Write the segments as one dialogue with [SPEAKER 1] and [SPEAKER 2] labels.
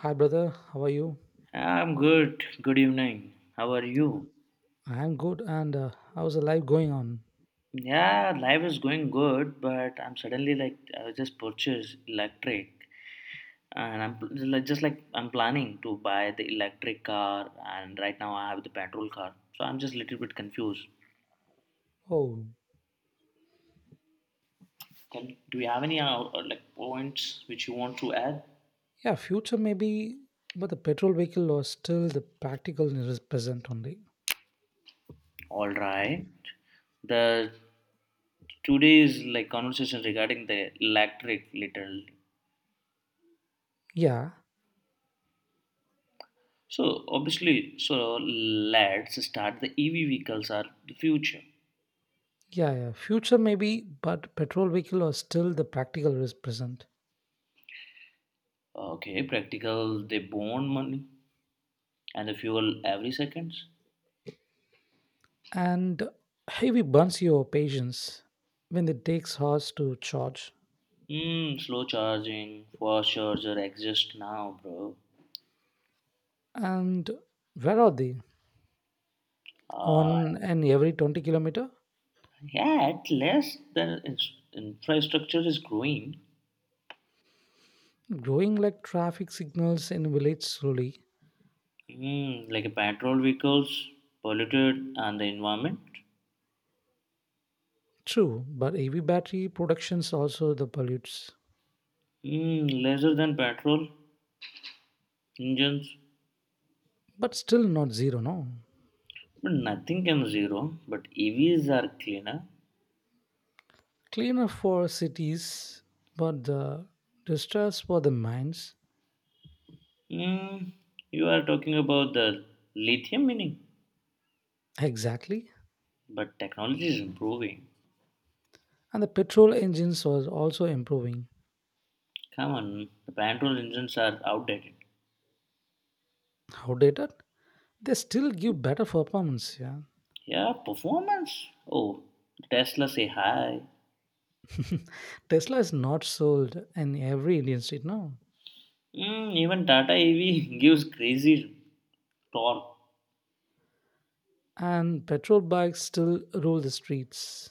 [SPEAKER 1] Hi, brother. How are you?
[SPEAKER 2] I'm good. Good evening. How are you?
[SPEAKER 1] I'm good. And how's the life going on?
[SPEAKER 2] Yeah, life is going good, but I'm suddenly like I just purchased electric, and I'm just like I'm planning to buy the electric car, and right now I have the petrol car, so I'm just a little bit confused.
[SPEAKER 1] Oh,
[SPEAKER 2] Can do you have any like points which you want to add?
[SPEAKER 1] yeah, future maybe, but the petrol vehicle was still the practical is present only.
[SPEAKER 2] All right. The today's like conversation regarding the electric little.
[SPEAKER 1] Yeah,
[SPEAKER 2] So obviously, so let's start. The EV vehicles are the future.
[SPEAKER 1] yeah, yeah. Future maybe, but petrol vehicle was still the practical is present.
[SPEAKER 2] Okay, practical. They burn money and the fuel every seconds.
[SPEAKER 1] And heavy burns your patience when it takes hours to charge.
[SPEAKER 2] Hmm, slow charging, fast charger exist now, bro.
[SPEAKER 1] And where are they?
[SPEAKER 2] Uh,
[SPEAKER 1] On an every 20 kilometer?
[SPEAKER 2] yeah, at least the infrastructure is growing.
[SPEAKER 1] Growing like traffic signals in village slowly.
[SPEAKER 2] Hmm, like a petrol vehicles polluted and the environment.
[SPEAKER 1] True, but EV battery productions also the pollutes,
[SPEAKER 2] Hmm, lesser than petrol engines,
[SPEAKER 1] but still not zero. No,
[SPEAKER 2] but nothing can zero. But EVs are cleaner.
[SPEAKER 1] cleaner for cities, but the distress for the mines
[SPEAKER 2] Hmm, you are talking about the lithium mining,
[SPEAKER 1] exactly.
[SPEAKER 2] but technology is improving.
[SPEAKER 1] And the petrol engines are also improving.
[SPEAKER 2] Come on, the petrol engines are outdated.
[SPEAKER 1] Outdated, they still give better performance. Yeah,
[SPEAKER 2] Yeah, performance. Oh, Tesla say hi.
[SPEAKER 1] Tesla is not sold in every Indian street now,
[SPEAKER 2] Mm, even Tata EV gives crazy torque.
[SPEAKER 1] and petrol bikes still rule the streets.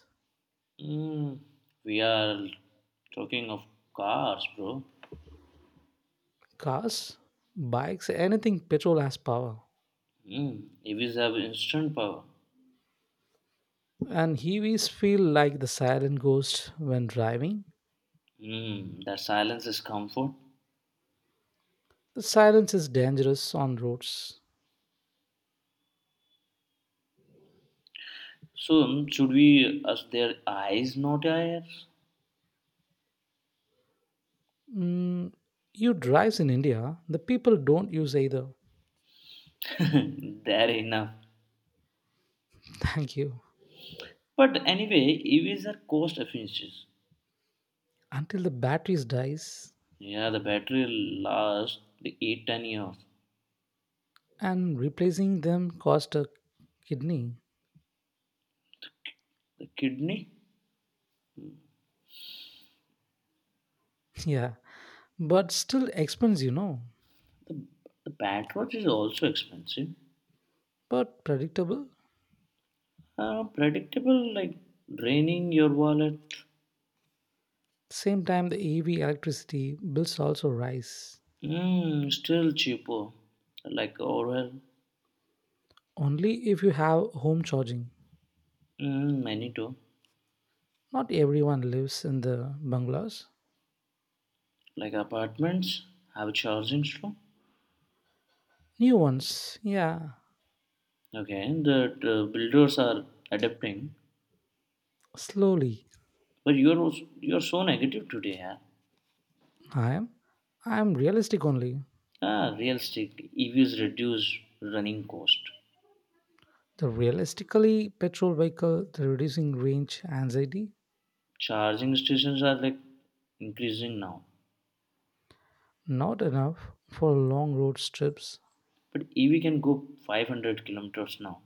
[SPEAKER 2] Mm, we are talking of cars, bro.
[SPEAKER 1] Cars, bikes, anything petrol has power.
[SPEAKER 2] Mm, EVs have instant power.
[SPEAKER 1] And heavies feel like the silent ghost when driving.
[SPEAKER 2] Mm, that silence is comfort.
[SPEAKER 1] The silence is dangerous on roads.
[SPEAKER 2] So, mm, should we as their eyes, not ears?
[SPEAKER 1] Mm, you drives in India, the people don't use either.
[SPEAKER 2] there enough.
[SPEAKER 1] Thank you.
[SPEAKER 2] But anyway, EVs are cost efficient.
[SPEAKER 1] Until the batteries dies
[SPEAKER 2] Yeah, the battery lasts the 8 to 10 years.
[SPEAKER 1] and replacing them cost a kidney.
[SPEAKER 2] The kidney,
[SPEAKER 1] Yeah, but still expense.
[SPEAKER 2] the, the petrol is also expensive.
[SPEAKER 1] But predictable.
[SPEAKER 2] Predictable, like draining your wallet.
[SPEAKER 1] Same time, the EV electricity bills also rise.
[SPEAKER 2] Mm, still cheaper, like Orwell,
[SPEAKER 1] Only if you have home charging.
[SPEAKER 2] mm, Manito,
[SPEAKER 1] Not everyone lives in the bungalows.
[SPEAKER 2] like apartments have charging slow.
[SPEAKER 1] New ones, yeah,
[SPEAKER 2] Okay, the builders are adapting,
[SPEAKER 1] slowly.
[SPEAKER 2] but you're so negative today, yeah.
[SPEAKER 1] I am. I am realistic only.
[SPEAKER 2] Ah, realistic EVs reduce running cost.
[SPEAKER 1] The realistically petrol vehicle, the reducing range anxiety,
[SPEAKER 2] Charging stations are like increasing now,
[SPEAKER 1] not enough for long road trips.
[SPEAKER 2] but EV can go 500 kilometers now.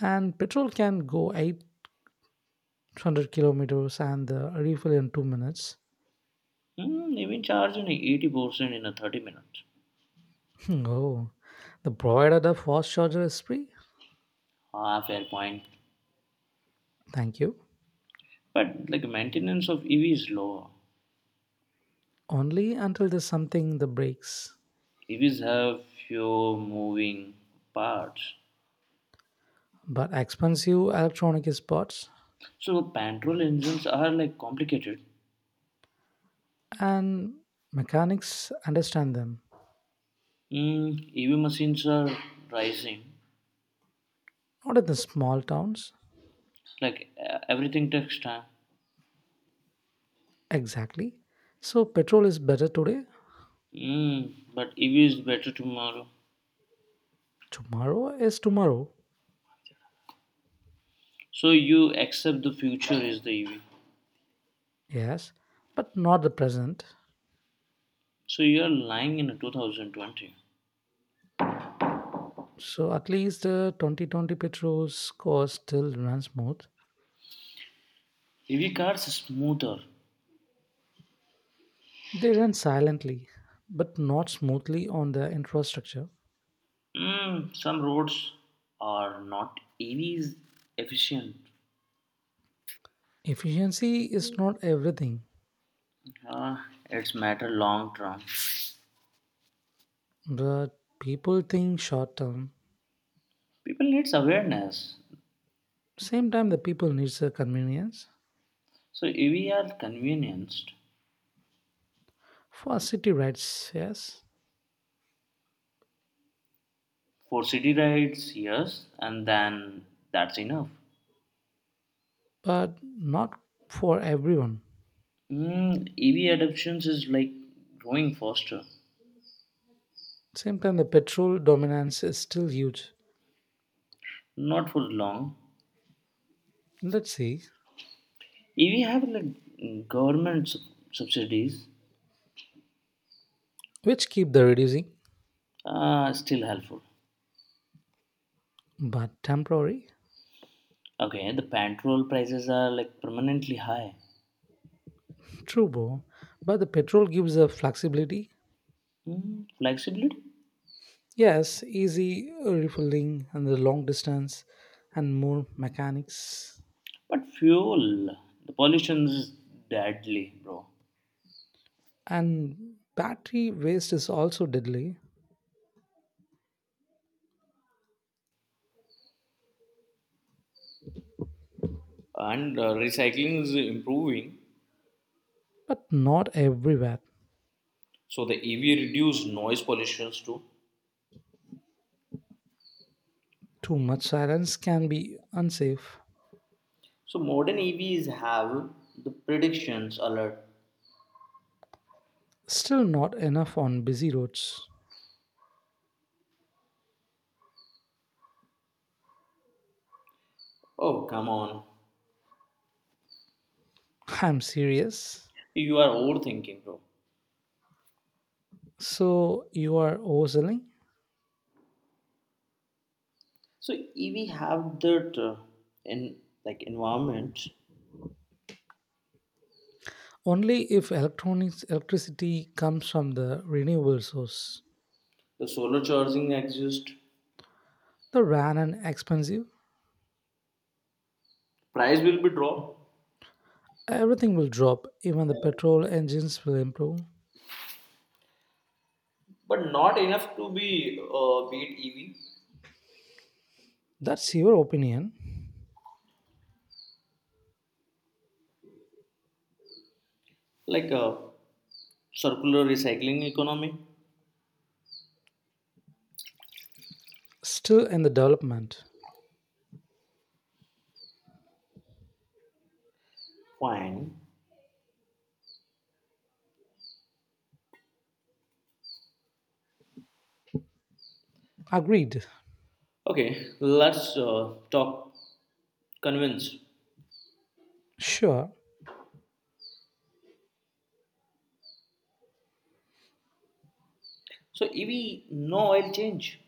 [SPEAKER 1] And petrol can go 800 kilometers and the refill in 2 minutes.
[SPEAKER 2] Hmm, even charging 80% in a 30 minutes.
[SPEAKER 1] Oh, the provider a fast charger is free.
[SPEAKER 2] Ah, fair point.
[SPEAKER 1] Thank you.
[SPEAKER 2] But like maintenance of EV is lower.
[SPEAKER 1] Only until there's something that breaks.
[SPEAKER 2] EVs have few moving parts.
[SPEAKER 1] But expensive electronic is parts
[SPEAKER 2] So petrol engines are like complicated.
[SPEAKER 1] and mechanics understand them.
[SPEAKER 2] Mm, EV machines are rising.
[SPEAKER 1] Not in the small towns,
[SPEAKER 2] Like everything takes time.
[SPEAKER 1] exactly, so petrol is better today.
[SPEAKER 2] Mm, but EV is better tomorrow.
[SPEAKER 1] Tomorrow is tomorrow.
[SPEAKER 2] So you accept the future is the EV.
[SPEAKER 1] Yes, but not the present.
[SPEAKER 2] So you are lying in 2020.
[SPEAKER 1] So at least the 2020 petrol's course still runs smooth,
[SPEAKER 2] EV cars are smoother.
[SPEAKER 1] they run silently but not smoothly on the infrastructure.
[SPEAKER 2] Mm, some roads are not EVs efficient.
[SPEAKER 1] Efficiency is not everything,
[SPEAKER 2] Ah, it's matter long term.
[SPEAKER 1] but people think short term.
[SPEAKER 2] People needs awareness.
[SPEAKER 1] Same time the people needs the convenience
[SPEAKER 2] So EV are convenienced
[SPEAKER 1] for city rights. Yes,
[SPEAKER 2] for city rides, yes, and then that's enough.
[SPEAKER 1] but not for everyone.
[SPEAKER 2] Mm, EV adoptions is like growing faster,
[SPEAKER 1] Same time, the petrol dominance is still huge.
[SPEAKER 2] not for long.
[SPEAKER 1] Let's see,
[SPEAKER 2] If you have like government subsidies,
[SPEAKER 1] which keep the reducing,
[SPEAKER 2] still helpful.
[SPEAKER 1] but temporary.
[SPEAKER 2] Okay, the petrol prices are like permanently high.
[SPEAKER 1] True, bro. But the petrol gives the flexibility.
[SPEAKER 2] Mm, flexibility,
[SPEAKER 1] Yes, easy refilling and the long distance, and more mechanics.
[SPEAKER 2] but fuel, the pollution is deadly, bro.
[SPEAKER 1] And battery waste is also deadly,
[SPEAKER 2] And recycling is improving,
[SPEAKER 1] but not everywhere.
[SPEAKER 2] so the EV reduce noise pollutions too.
[SPEAKER 1] Too much silence can be unsafe.
[SPEAKER 2] So modern EVs have the predictions alert.
[SPEAKER 1] Still not enough on busy roads.
[SPEAKER 2] Oh come on,
[SPEAKER 1] I'm serious.
[SPEAKER 2] you are overthinking, bro.
[SPEAKER 1] So you are overselling?
[SPEAKER 2] So EV have that in like environment
[SPEAKER 1] Only if electronics electricity comes from the renewable source.
[SPEAKER 2] the solar charging exists.
[SPEAKER 1] The ran and expensive,
[SPEAKER 2] Price will be dropped,
[SPEAKER 1] everything will drop, even the petrol engines will improve.
[SPEAKER 2] but not enough to be beat EV.
[SPEAKER 1] That's your opinion.
[SPEAKER 2] Like a circular recycling economy.
[SPEAKER 1] Still in the development.
[SPEAKER 2] Fine.
[SPEAKER 1] Agreed.
[SPEAKER 2] Okay, let's talk convince.
[SPEAKER 1] Sure.
[SPEAKER 2] So EV no oil change.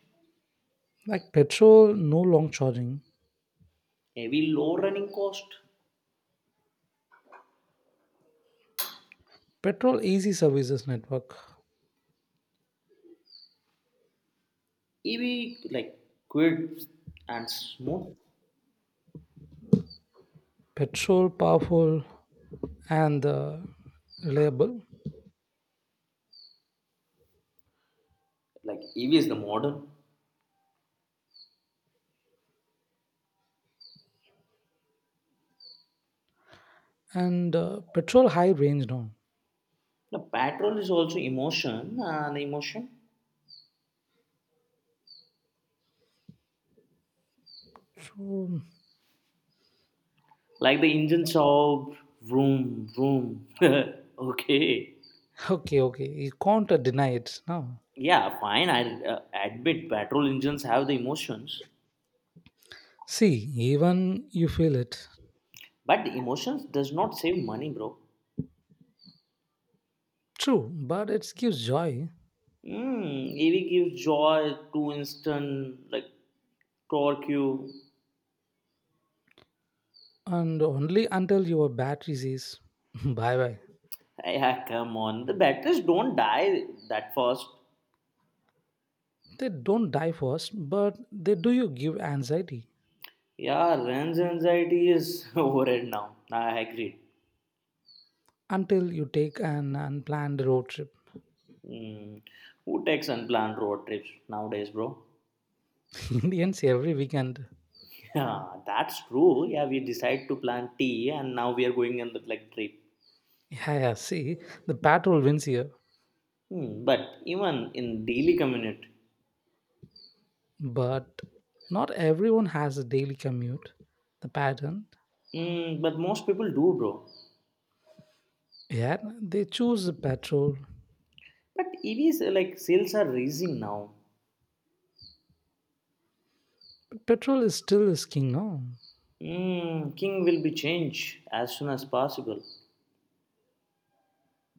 [SPEAKER 1] Like petrol, no long charging.
[SPEAKER 2] EV low running cost.
[SPEAKER 1] Petrol easy services network.
[SPEAKER 2] EV like quick and smooth.
[SPEAKER 1] Petrol powerful and reliable.
[SPEAKER 2] Like EV is the modern.
[SPEAKER 1] And petrol high range now.
[SPEAKER 2] The petrol is also emotion and emotion.
[SPEAKER 1] So
[SPEAKER 2] Like the engine sob, vroom, vroom. okay.
[SPEAKER 1] okay, okay. You can't deny it now.
[SPEAKER 2] Yeah, fine. I admit petrol engines have the emotions,
[SPEAKER 1] See, even you feel it.
[SPEAKER 2] but the emotions does not save money, bro.
[SPEAKER 1] True, but it gives joy,
[SPEAKER 2] Mm, EV gives joy to instant, like torque you.
[SPEAKER 1] and only until your battery says bye bye.
[SPEAKER 2] Yeah, come on. The batteries don't die that fast.
[SPEAKER 1] They don't die first, but they do you give anxiety
[SPEAKER 2] Yeah, range anxiety is overhead now. I agree.
[SPEAKER 1] until you take an unplanned road trip.
[SPEAKER 2] Mm. Who takes unplanned road trips nowadays, bro?
[SPEAKER 1] Indians every weekend.
[SPEAKER 2] Yeah, that's true. Yeah, we decide to plant tea and now we are going on the like trip.
[SPEAKER 1] Yeah, yeah, see, the patrol wins here,
[SPEAKER 2] Hmm, but even in daily commute,
[SPEAKER 1] but not everyone has a daily commute. The pattern,
[SPEAKER 2] but most people do, bro.
[SPEAKER 1] yeah, they choose the patrol.
[SPEAKER 2] But EVs like sales are rising now.
[SPEAKER 1] Petrol is still is king, no?
[SPEAKER 2] Hmm, King will be changed as soon as possible.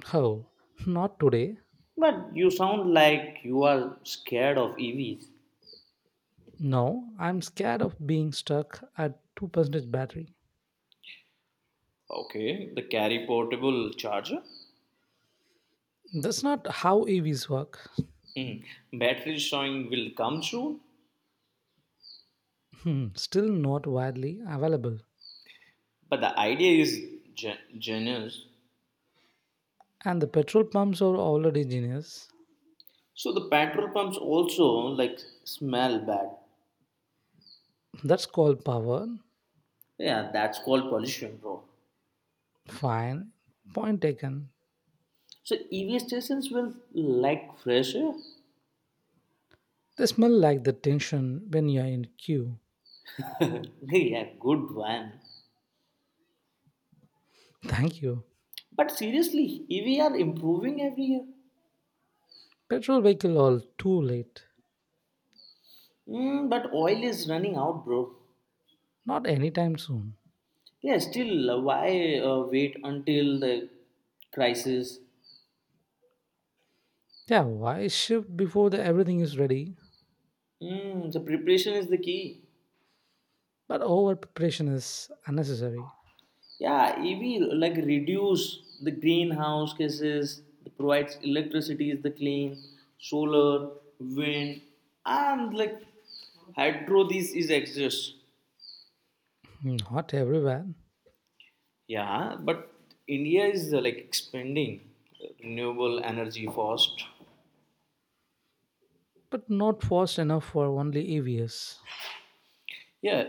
[SPEAKER 1] How? Not today.
[SPEAKER 2] But you sound like you are scared of EVs.
[SPEAKER 1] No, I'm scared of being stuck at 2% battery.
[SPEAKER 2] Okay, the carry portable charger.
[SPEAKER 1] That's not how EVs work.
[SPEAKER 2] Mm. Battery showing will come soon,
[SPEAKER 1] Still not widely available.
[SPEAKER 2] but the idea is genius.
[SPEAKER 1] And the petrol pumps are already genius.
[SPEAKER 2] So the petrol pumps also like smell bad.
[SPEAKER 1] That's called power.
[SPEAKER 2] Yeah, that's called pollution, bro.
[SPEAKER 1] Fine. Point taken.
[SPEAKER 2] So EV stations will like fresh air.
[SPEAKER 1] They smell like the tension when you're in queue.
[SPEAKER 2] yeah, good one.
[SPEAKER 1] Thank you.
[SPEAKER 2] But seriously, EV are improving every year.
[SPEAKER 1] Petrol vehicle all too late.
[SPEAKER 2] Mm, but oil is running out, bro.
[SPEAKER 1] Not anytime soon.
[SPEAKER 2] Yeah, still, why wait until the crisis?
[SPEAKER 1] Yeah, why shift before the everything is ready?
[SPEAKER 2] Mm, the preparation is the key.
[SPEAKER 1] But over preparation is unnecessary.
[SPEAKER 2] Yeah, EV like reduce the greenhouse gases, that provides electricity is the clean, solar, wind, and like hydro. These is exist.
[SPEAKER 1] Not everywhere.
[SPEAKER 2] Yeah, but India is like expanding renewable energy fast.
[SPEAKER 1] But not fast enough for only EVs.
[SPEAKER 2] Yeah,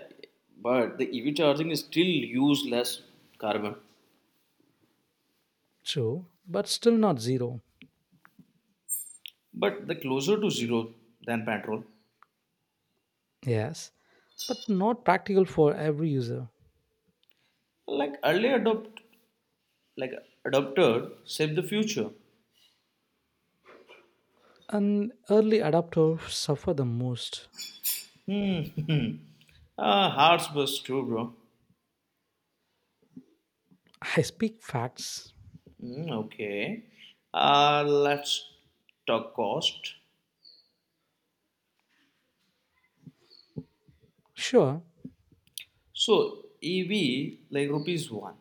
[SPEAKER 2] but the EV charging is still use less carbon,
[SPEAKER 1] True, but still not zero.
[SPEAKER 2] but the closer to zero than petrol.
[SPEAKER 1] Yes, but not practical for every user.
[SPEAKER 2] Like early adopt, like adopter, save the future.
[SPEAKER 1] And early adopters suffer the most.
[SPEAKER 2] Hmm. Hearts was true, bro.
[SPEAKER 1] I speak facts.
[SPEAKER 2] Hmm, okay. Let's talk cost.
[SPEAKER 1] Sure,
[SPEAKER 2] So EV like rupees one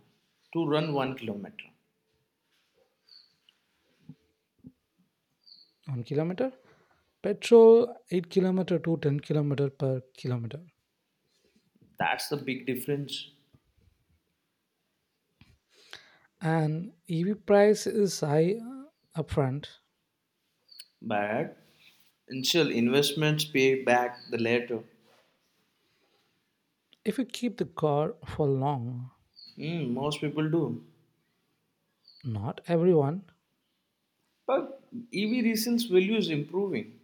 [SPEAKER 2] to run 1 kilometer.
[SPEAKER 1] 1 kilometer. Petrol 8 kilometer to 10 kilometer per kilometer.
[SPEAKER 2] That's the big difference.
[SPEAKER 1] And EV price is high upfront.
[SPEAKER 2] But initial investments pay back the later.
[SPEAKER 1] If you keep the car for long,
[SPEAKER 2] Hmm, most people do.
[SPEAKER 1] not everyone,
[SPEAKER 2] But EV resales value is improving.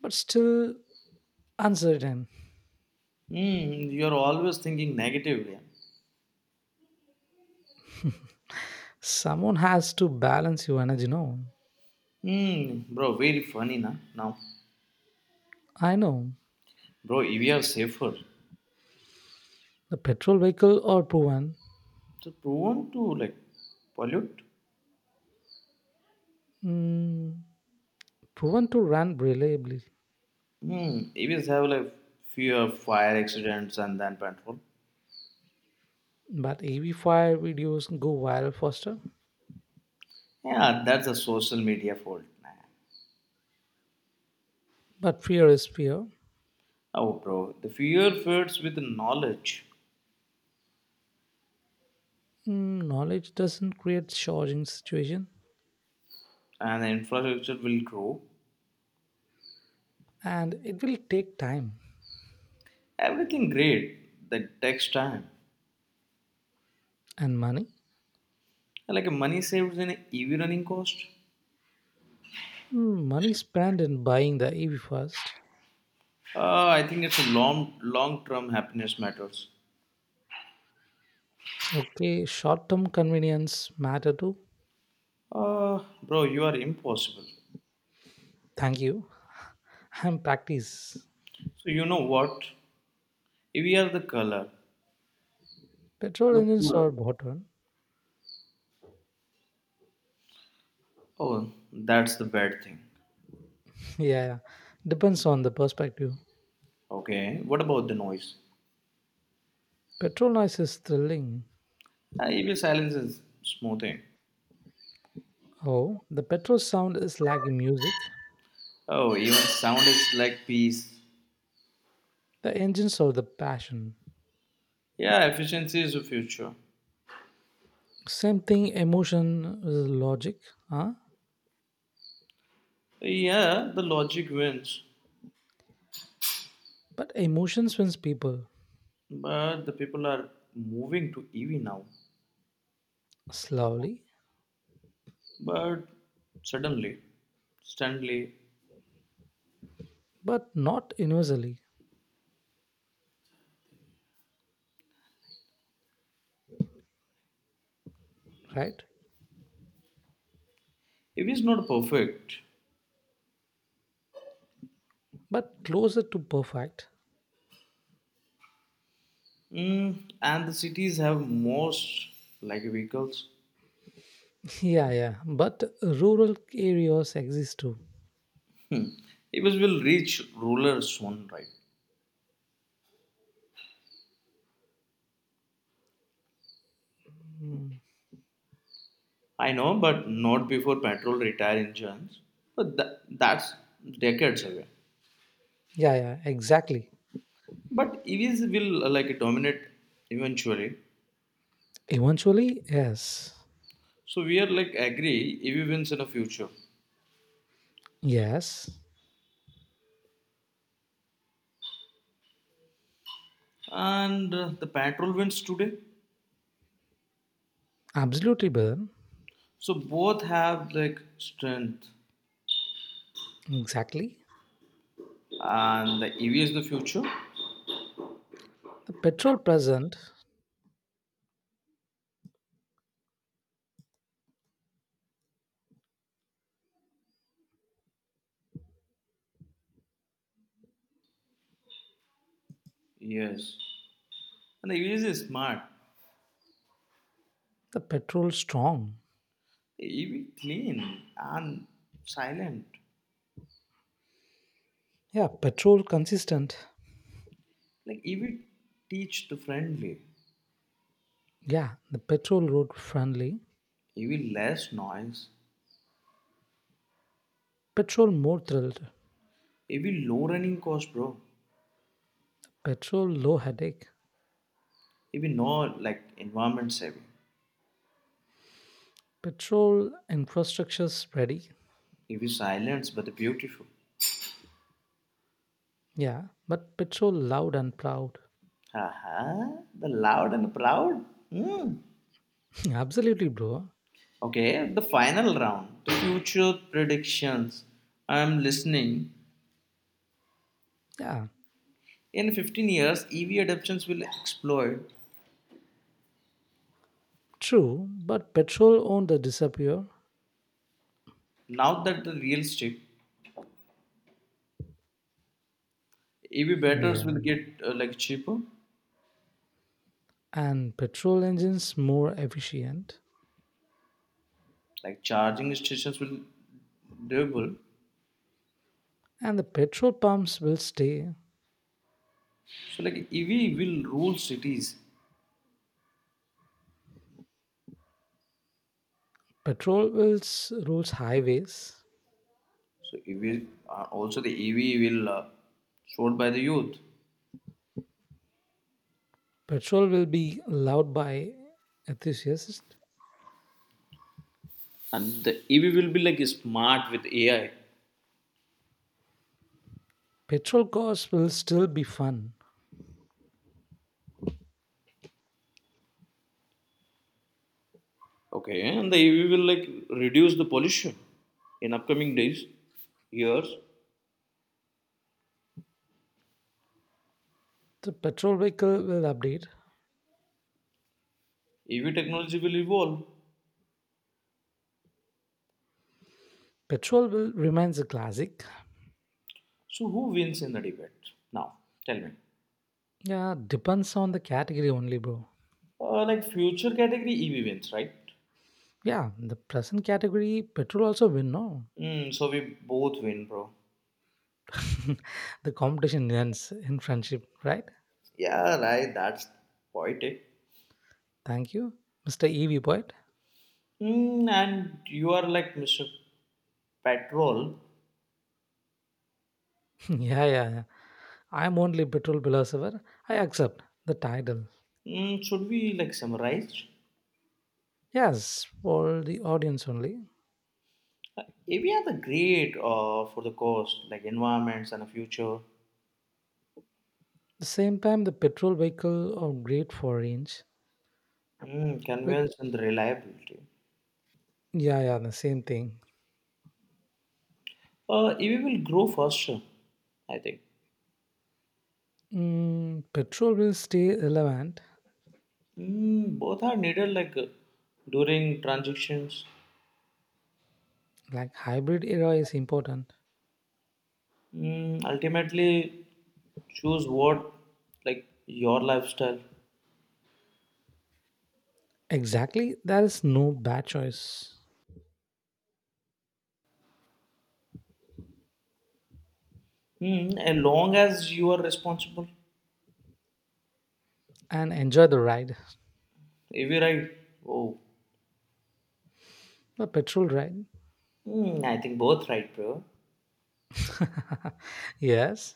[SPEAKER 1] but still uncertain.
[SPEAKER 2] Hmm, you're always thinking negatively.
[SPEAKER 1] Someone has to balance your energy, no?
[SPEAKER 2] Hmm, bro, very funny na now.
[SPEAKER 1] I know.
[SPEAKER 2] Bro, EV are safer.
[SPEAKER 1] The petrol vehicle are proven,
[SPEAKER 2] So prone to like pollute.
[SPEAKER 1] mm, proven to run reliably.
[SPEAKER 2] Hmm. EVs have like fewer fire accidents and then petrol.
[SPEAKER 1] But ev fire videos go viral faster.
[SPEAKER 2] Yeah, that's a social media fault. Nah.
[SPEAKER 1] But fear is fear.
[SPEAKER 2] Oh, bro, the fear fits with the knowledge,
[SPEAKER 1] Knowledge doesn't create charging situation.
[SPEAKER 2] and the infrastructure will grow.
[SPEAKER 1] And it will take time
[SPEAKER 2] Everything great that takes time.
[SPEAKER 1] and money.
[SPEAKER 2] Like money saved in EV running cost.
[SPEAKER 1] Money spent in buying the EV first.
[SPEAKER 2] I think it's a long long term happiness matters.
[SPEAKER 1] It's okay. Short-term convenience matter too.
[SPEAKER 2] Bro, you are impossible.
[SPEAKER 1] Thank you. I'm practice.
[SPEAKER 2] So you know what? EV are the color and
[SPEAKER 1] Petrol
[SPEAKER 2] the
[SPEAKER 1] engines
[SPEAKER 2] cooler.
[SPEAKER 1] are bottom.
[SPEAKER 2] Oh, that's the bad thing.
[SPEAKER 1] Yeah, yeah. Depends on the perspective.
[SPEAKER 2] Okay, what about the noise?
[SPEAKER 1] Petrol noise is thrilling.
[SPEAKER 2] Even silence is smoothing.
[SPEAKER 1] Oh, the petrol sound is like music.
[SPEAKER 2] Oh, even sound is like peace.
[SPEAKER 1] The engines are the passion.
[SPEAKER 2] Yeah, efficiency is the future.
[SPEAKER 1] Same thing, emotion is logic, huh?
[SPEAKER 2] Yeah, the logic wins,
[SPEAKER 1] But emotion swings people
[SPEAKER 2] but the people are moving to EV now.
[SPEAKER 1] slowly,
[SPEAKER 2] But suddenly, suddenly,
[SPEAKER 1] but not universally, right?
[SPEAKER 2] EV is not perfect.
[SPEAKER 1] But closer to perfect.
[SPEAKER 2] Mm, and the cities have most like vehicles.
[SPEAKER 1] Yeah, yeah. But rural areas exist too.
[SPEAKER 2] EVs will reach rural soon, right?
[SPEAKER 1] Mm.
[SPEAKER 2] I know, but not before petrol retire engines. But that's decades away.
[SPEAKER 1] Yeah, yeah, exactly.
[SPEAKER 2] But EVs will like dominate eventually.
[SPEAKER 1] Eventually, yes.
[SPEAKER 2] So we are like agree EV wins in the future,
[SPEAKER 1] Yes,
[SPEAKER 2] and the petrol wins today.
[SPEAKER 1] absolutely, Burn.
[SPEAKER 2] So both have like strength,
[SPEAKER 1] Exactly.
[SPEAKER 2] and the EV is the future.
[SPEAKER 1] Petrol present,
[SPEAKER 2] Yes, and the EV is smart.
[SPEAKER 1] the petrol strong.
[SPEAKER 2] The EV clean and silent.
[SPEAKER 1] Yeah, petrol consistent.
[SPEAKER 2] Like EV teach the friendly.
[SPEAKER 1] Yeah, the petrol road friendly.
[SPEAKER 2] EV less noise
[SPEAKER 1] Petrol more thrilled.
[SPEAKER 2] ये भी low running cost, bro.
[SPEAKER 1] Petrol low headache.
[SPEAKER 2] ये भी no like environment saving.
[SPEAKER 1] Petrol infrastructure's ready.
[SPEAKER 2] ये भी silence but beautiful.
[SPEAKER 1] Yeah, but petrol loud and proud.
[SPEAKER 2] Haha, the loud and proud. Hmm.
[SPEAKER 1] Absolutely, bro.
[SPEAKER 2] Okay, the final round. The future predictions. I am listening.
[SPEAKER 1] Yeah,
[SPEAKER 2] In 15 years, EV adoptions will explode.
[SPEAKER 1] true. But petrol owned the disappear.
[SPEAKER 2] Now that the real stick, EV batteries
[SPEAKER 1] Yeah,
[SPEAKER 2] will get like cheaper,
[SPEAKER 1] and petrol engines more efficient.
[SPEAKER 2] like charging stations will double.
[SPEAKER 1] And the petrol pumps will stay.
[SPEAKER 2] So like EV will rule cities.
[SPEAKER 1] Petrol will rules highways.
[SPEAKER 2] So EV also the EV will sold by the youth,
[SPEAKER 1] Petrol will be loved by enthusiasts.
[SPEAKER 2] and the EV will be like smart with AI.
[SPEAKER 1] Petrol cars will still be fun.
[SPEAKER 2] Okay, and the EV will like reduce the pollution in upcoming days, years.
[SPEAKER 1] The petrol vehicle will update.
[SPEAKER 2] EV technology will evolve.
[SPEAKER 1] Petrol will remains a classic.
[SPEAKER 2] So who wins in the debate now? Tell me.
[SPEAKER 1] Yeah, depends on the category only, bro.
[SPEAKER 2] Like future category EV wins, right?
[SPEAKER 1] Yeah, the present category, petrol also win, no?
[SPEAKER 2] Mm, so we both win, bro.
[SPEAKER 1] The competition ends in friendship, right?
[SPEAKER 2] Yeah, right. That's poetic.
[SPEAKER 1] Thank you, Mr. EV Poet.
[SPEAKER 2] Mm, and you are like Mr. Petrol.
[SPEAKER 1] yeah, yeah, yeah. I'm only petrol philosopher. I accept the title.
[SPEAKER 2] Mm, should we like summarize?
[SPEAKER 1] Yes, for the audience only.
[SPEAKER 2] If we are the great for the cost, like environments and the future,
[SPEAKER 1] The same time the petrol vehicle are great for range, like,
[SPEAKER 2] convenience and the reliability,
[SPEAKER 1] yeah, yeah, the same thing.
[SPEAKER 2] EV will grow faster, I think.
[SPEAKER 1] Petrol will stay relevant,
[SPEAKER 2] Mm, both are needed like during transitions.
[SPEAKER 1] like hybrid era is important.
[SPEAKER 2] Mm, ultimately, choose what like your lifestyle.
[SPEAKER 1] Exactly, there is no bad choice
[SPEAKER 2] Mm, as long as you are responsible.
[SPEAKER 1] and enjoy the ride,
[SPEAKER 2] If you right, oh,
[SPEAKER 1] a petrol ride.
[SPEAKER 2] I think both right, bro.
[SPEAKER 1] Yes.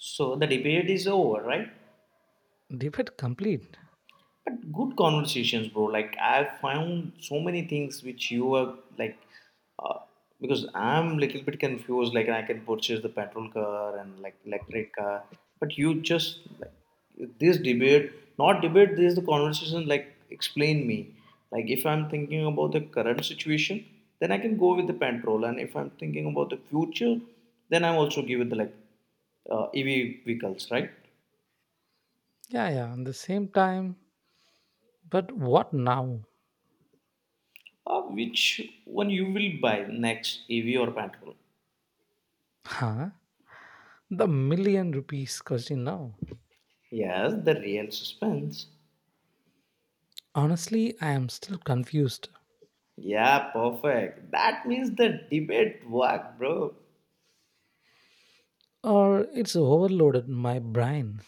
[SPEAKER 2] So the debate is over, right?
[SPEAKER 1] Debate complete.
[SPEAKER 2] But good conversations, bro. Like I found so many things which you are like, uh, because I'm little bit confused. Like I can purchase the petrol car and like electric car, but you just like this debate, not debate. This is the conversation. Like explain me. Like if I'm thinking about the current situation, then I can go with the petrol, and if I'm thinking about the future, then I'm also give it the like EV vehicles, right?
[SPEAKER 1] Yeah, yeah, at the same time, but what now?
[SPEAKER 2] Which one you will buy next, EV or petrol?
[SPEAKER 1] Huh, the million rupees question now.
[SPEAKER 2] Yes, the real suspense.
[SPEAKER 1] Honestly, I am still confused,
[SPEAKER 2] Yeah, perfect. That means the debate work, bro.
[SPEAKER 1] or it's overloaded my brain,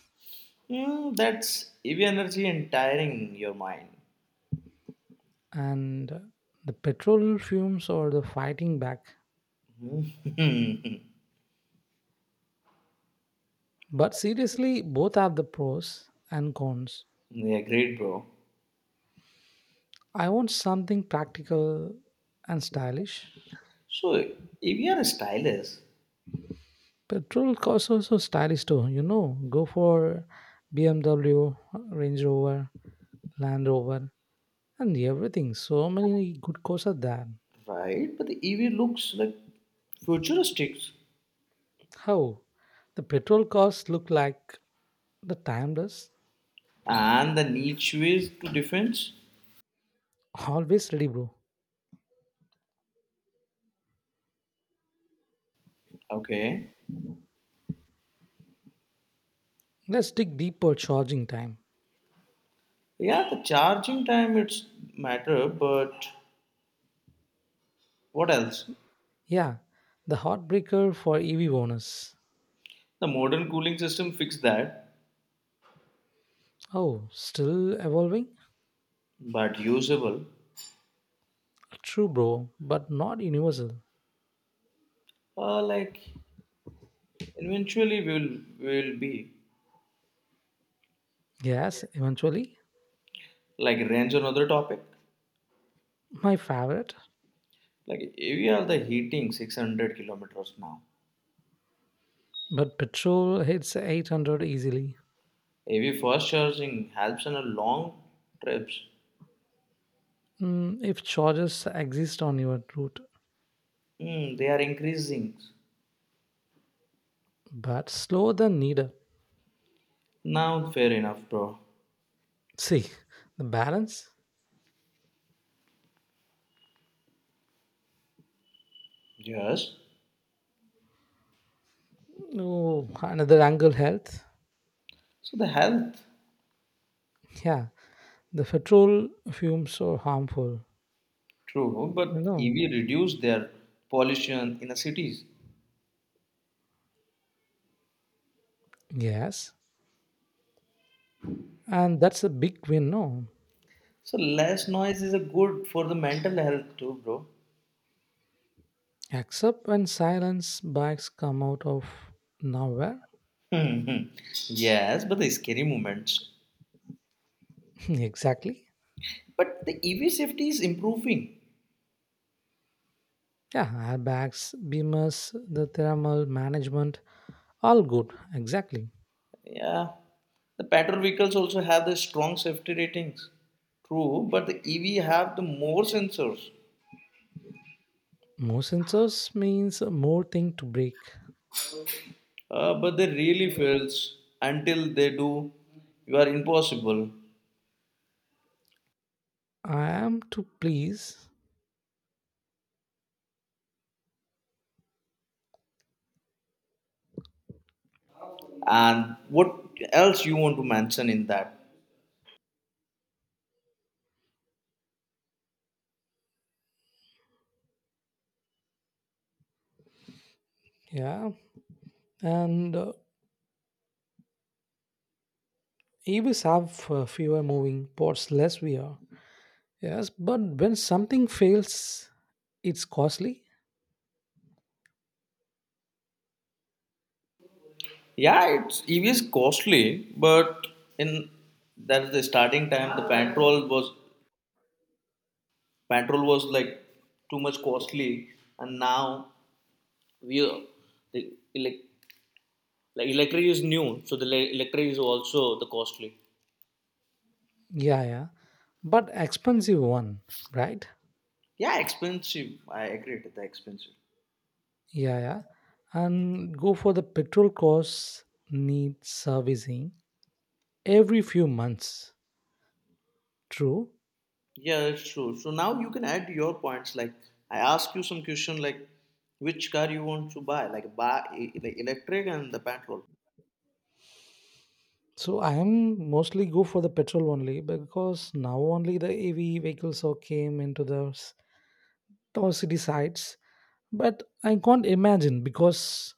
[SPEAKER 2] Hmm, that's EV energy entiring your mind.
[SPEAKER 1] and the petrol fumes or the fighting back. But seriously, both have the pros and cons.
[SPEAKER 2] yeah, great, bro.
[SPEAKER 1] I want something practical and stylish.
[SPEAKER 2] So EV are stylish,
[SPEAKER 1] Petrol cars also stylish too, go for BMW, Range Rover, Land Rover and everything. So many good cars are there.
[SPEAKER 2] right? But the EV looks like futuristic,
[SPEAKER 1] How? The petrol cars look like the timeless,
[SPEAKER 2] and the niche ways to defense.
[SPEAKER 1] always ready, bro.
[SPEAKER 2] Okay.
[SPEAKER 1] Let's dig deeper charging time.
[SPEAKER 2] Yeah, the charging time it's matter, but what else?
[SPEAKER 1] Yeah, the heartbreaker for EV owners.
[SPEAKER 2] The modern cooling system fixed that,
[SPEAKER 1] Oh, still evolving?
[SPEAKER 2] but usable.
[SPEAKER 1] True, bro, but not universal.
[SPEAKER 2] Like eventually we will be
[SPEAKER 1] Gas, eventually.
[SPEAKER 2] like range another topic.
[SPEAKER 1] My favorite.
[SPEAKER 2] Like AV are the heating 600 kilometers now.
[SPEAKER 1] But petrol hits 800 easily.
[SPEAKER 2] AV fast charging helps in a long trips.
[SPEAKER 1] If charges exist on your route,
[SPEAKER 2] Hmm, they are increasing.
[SPEAKER 1] but slower than needed.
[SPEAKER 2] Now fair enough, bro.
[SPEAKER 1] See, the balance?
[SPEAKER 2] Yes.
[SPEAKER 1] No, another angle health.
[SPEAKER 2] So the health,
[SPEAKER 1] Yeah, the petrol fumes are harmful.
[SPEAKER 2] true, but
[SPEAKER 1] No,
[SPEAKER 2] EV reduce their pollution in the cities.
[SPEAKER 1] yes. And that's a big win, no?
[SPEAKER 2] So less noise is a good for the mental health too, bro.
[SPEAKER 1] Except when silence bags come out of nowhere.
[SPEAKER 2] Hmm. yes, but the scary moments.
[SPEAKER 1] Exactly.
[SPEAKER 2] But the EV safety is improving.
[SPEAKER 1] Yeah, airbags, beamers, the thermal management, all good. Exactly.
[SPEAKER 2] Yeah. The petrol vehicles also have the strong safety ratings. True, but the EV have the more sensors.
[SPEAKER 1] More sensors means more thing to break.
[SPEAKER 2] But they really fails until they do. You are impossible.
[SPEAKER 1] I am to please.
[SPEAKER 2] And what else you want to mention in that?
[SPEAKER 1] Yeah. And EVs have fewer moving parts, less we are. Yes, but when something fails, it's costly.
[SPEAKER 2] Yeah, it's EV is costly, but in that's the starting time the petrol was. Petrol was like too much costly, and now we are- the elec like electric is new, so the electric is also the costly.
[SPEAKER 1] Yeah, yeah. But expensive one, right?
[SPEAKER 2] Yeah, expensive. I agree with the expensive.
[SPEAKER 1] Yeah, yeah. And go for the petrol costs need servicing every few months. True.
[SPEAKER 2] Yeah, that's true. So now you can add your points. Like I ask you some question, like which car you want to buy, like buy like electric and the petrol.
[SPEAKER 1] So I am mostly go for the petrol only because now only the AV vehicles all came into the our city sites. But I can't imagine because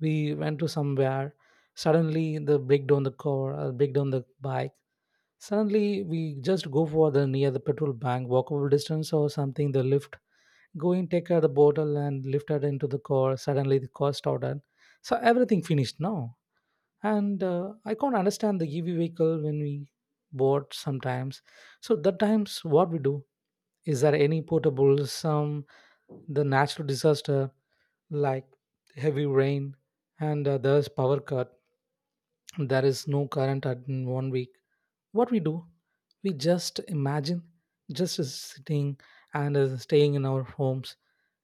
[SPEAKER 1] we went to somewhere suddenly the break down the car, or break down the bike. Suddenly, we just go for the near the petrol bank, walkable distance or something. The lift, going take out the bottle and lift it into the car. Suddenly, the car started. So everything finished now, and I can't understand the EV vehicle when we bought sometimes. So that times what we do is there any portable some the natural disaster like heavy rain and there's power cut. There is no current at in 1 week. What we do, we just imagine just is sitting and staying in our homes.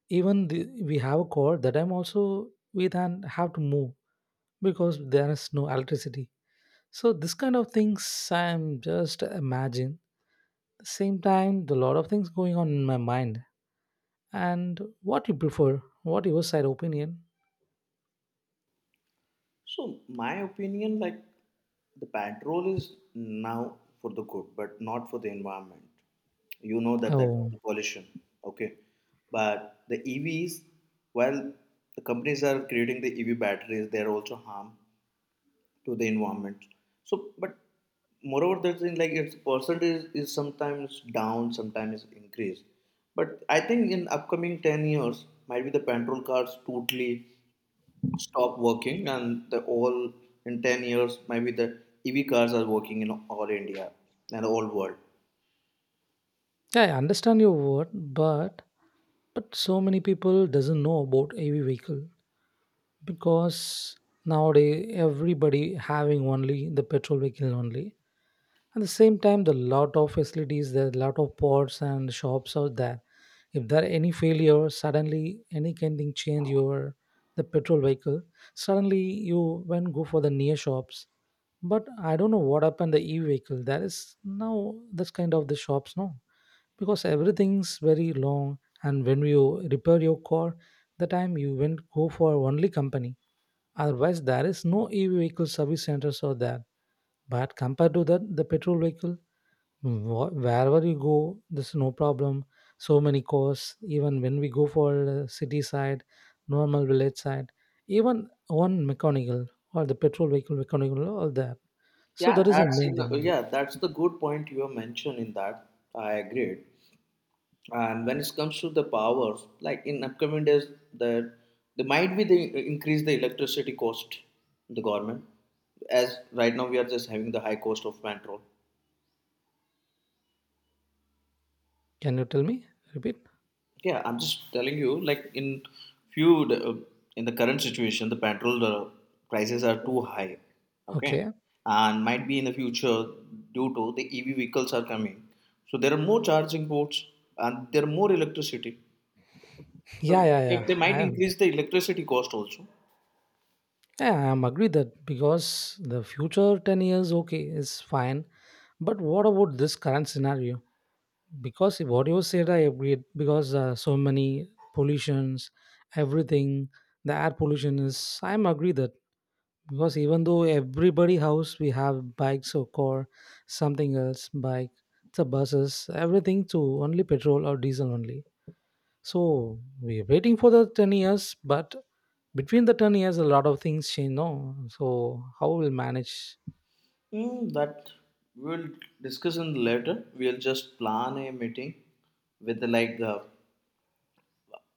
[SPEAKER 1] Even we have a cord that I'm also we then have to move because there is no electricity. So this kind of things I'm just imagine, same time the lot of things going on in my mind. And what you prefer, what your side opinion?
[SPEAKER 2] So, my opinion, like the patrol is now for the good, but not for the environment. You know that
[SPEAKER 1] Oh
[SPEAKER 2] the pollution, okay? But the EVs, while the companies are creating the EV batteries, they are also harm to the environment. So, but moreover, the thing like its percentage is sometimes down, sometimes increased. But I think in upcoming 10 years, might be the petrol cars totally stop working and the all in 10 years maybe the ev cars are working in all india and all world.
[SPEAKER 1] yeah, I understand your word, but so many people doesn't know about AV vehicle because nowadays everybody having only the petrol vehicle only. At the same time, the lot of facilities, there are lot of ports and shops out there. If there are any failure, suddenly any kind thing change your the petrol vehicle. Suddenly, you when go for the near shops, but I don't know what happened the e-vehicle, there is now this kind of the shops, no, because everything's very long. And when you repair your car, the time you went go for only company. Otherwise, there is no EV vehicle service centers or that. But compared to that, the petrol vehicle, wherever you go, there's no problem. So many cars. Even when we go for city side, normal village side, even one mechanical or the petrol vehicle mechanical, all that. So
[SPEAKER 2] Yeah
[SPEAKER 1] that is the main thing.
[SPEAKER 2] yeah that's the good point you have mentioned in that I agreed, and when it comes to the powers like in upcoming days that they might be the increase the electricity cost the government as right now we are just having the high cost of petrol.
[SPEAKER 1] Can you tell me? Repeat.
[SPEAKER 2] Yeah, I'm just telling you, like in few in the current situation, the petrol prices are too high. Okay,
[SPEAKER 1] Okay.
[SPEAKER 2] and might be in the future due to the EV vehicles are coming. So there are more charging ports and there are more electricity.
[SPEAKER 1] Yeah,
[SPEAKER 2] So
[SPEAKER 1] yeah,
[SPEAKER 2] they,
[SPEAKER 1] yeah.
[SPEAKER 2] they
[SPEAKER 1] I
[SPEAKER 2] might
[SPEAKER 1] am.
[SPEAKER 2] increase the electricity cost also.
[SPEAKER 1] Yeah, I am agree that because the future 10 years, okay, is fine. But what about this current scenario? Because what you said I agree because so many pollutions everything, the air pollution is I'm agree that because even though everybody house we have bikes or car something else bike, the buses everything to only petrol or diesel only. So we're waiting for the 10 years, but between the 10 years a lot of things change, no, so how we'll manage?
[SPEAKER 2] Mm, that we'll discuss in later. We'll just plan a meeting with the like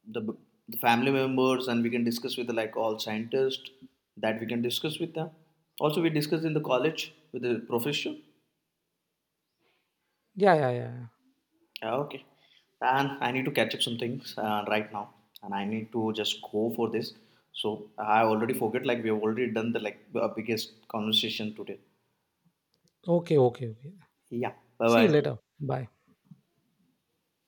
[SPEAKER 2] the, the family members and we can discuss with like all scientists that we can discuss with them also we discussed in the college with the professor.
[SPEAKER 1] Yeah, yeah, yeah, yeah.
[SPEAKER 2] Yeah, okay and I need to catch up some things right now and I need to just go for this so I already forget like we have already done the like biggest conversation today.
[SPEAKER 1] Okay, okay, okay.
[SPEAKER 2] Yeah. Bye
[SPEAKER 1] See you
[SPEAKER 2] bye.
[SPEAKER 1] later, bye.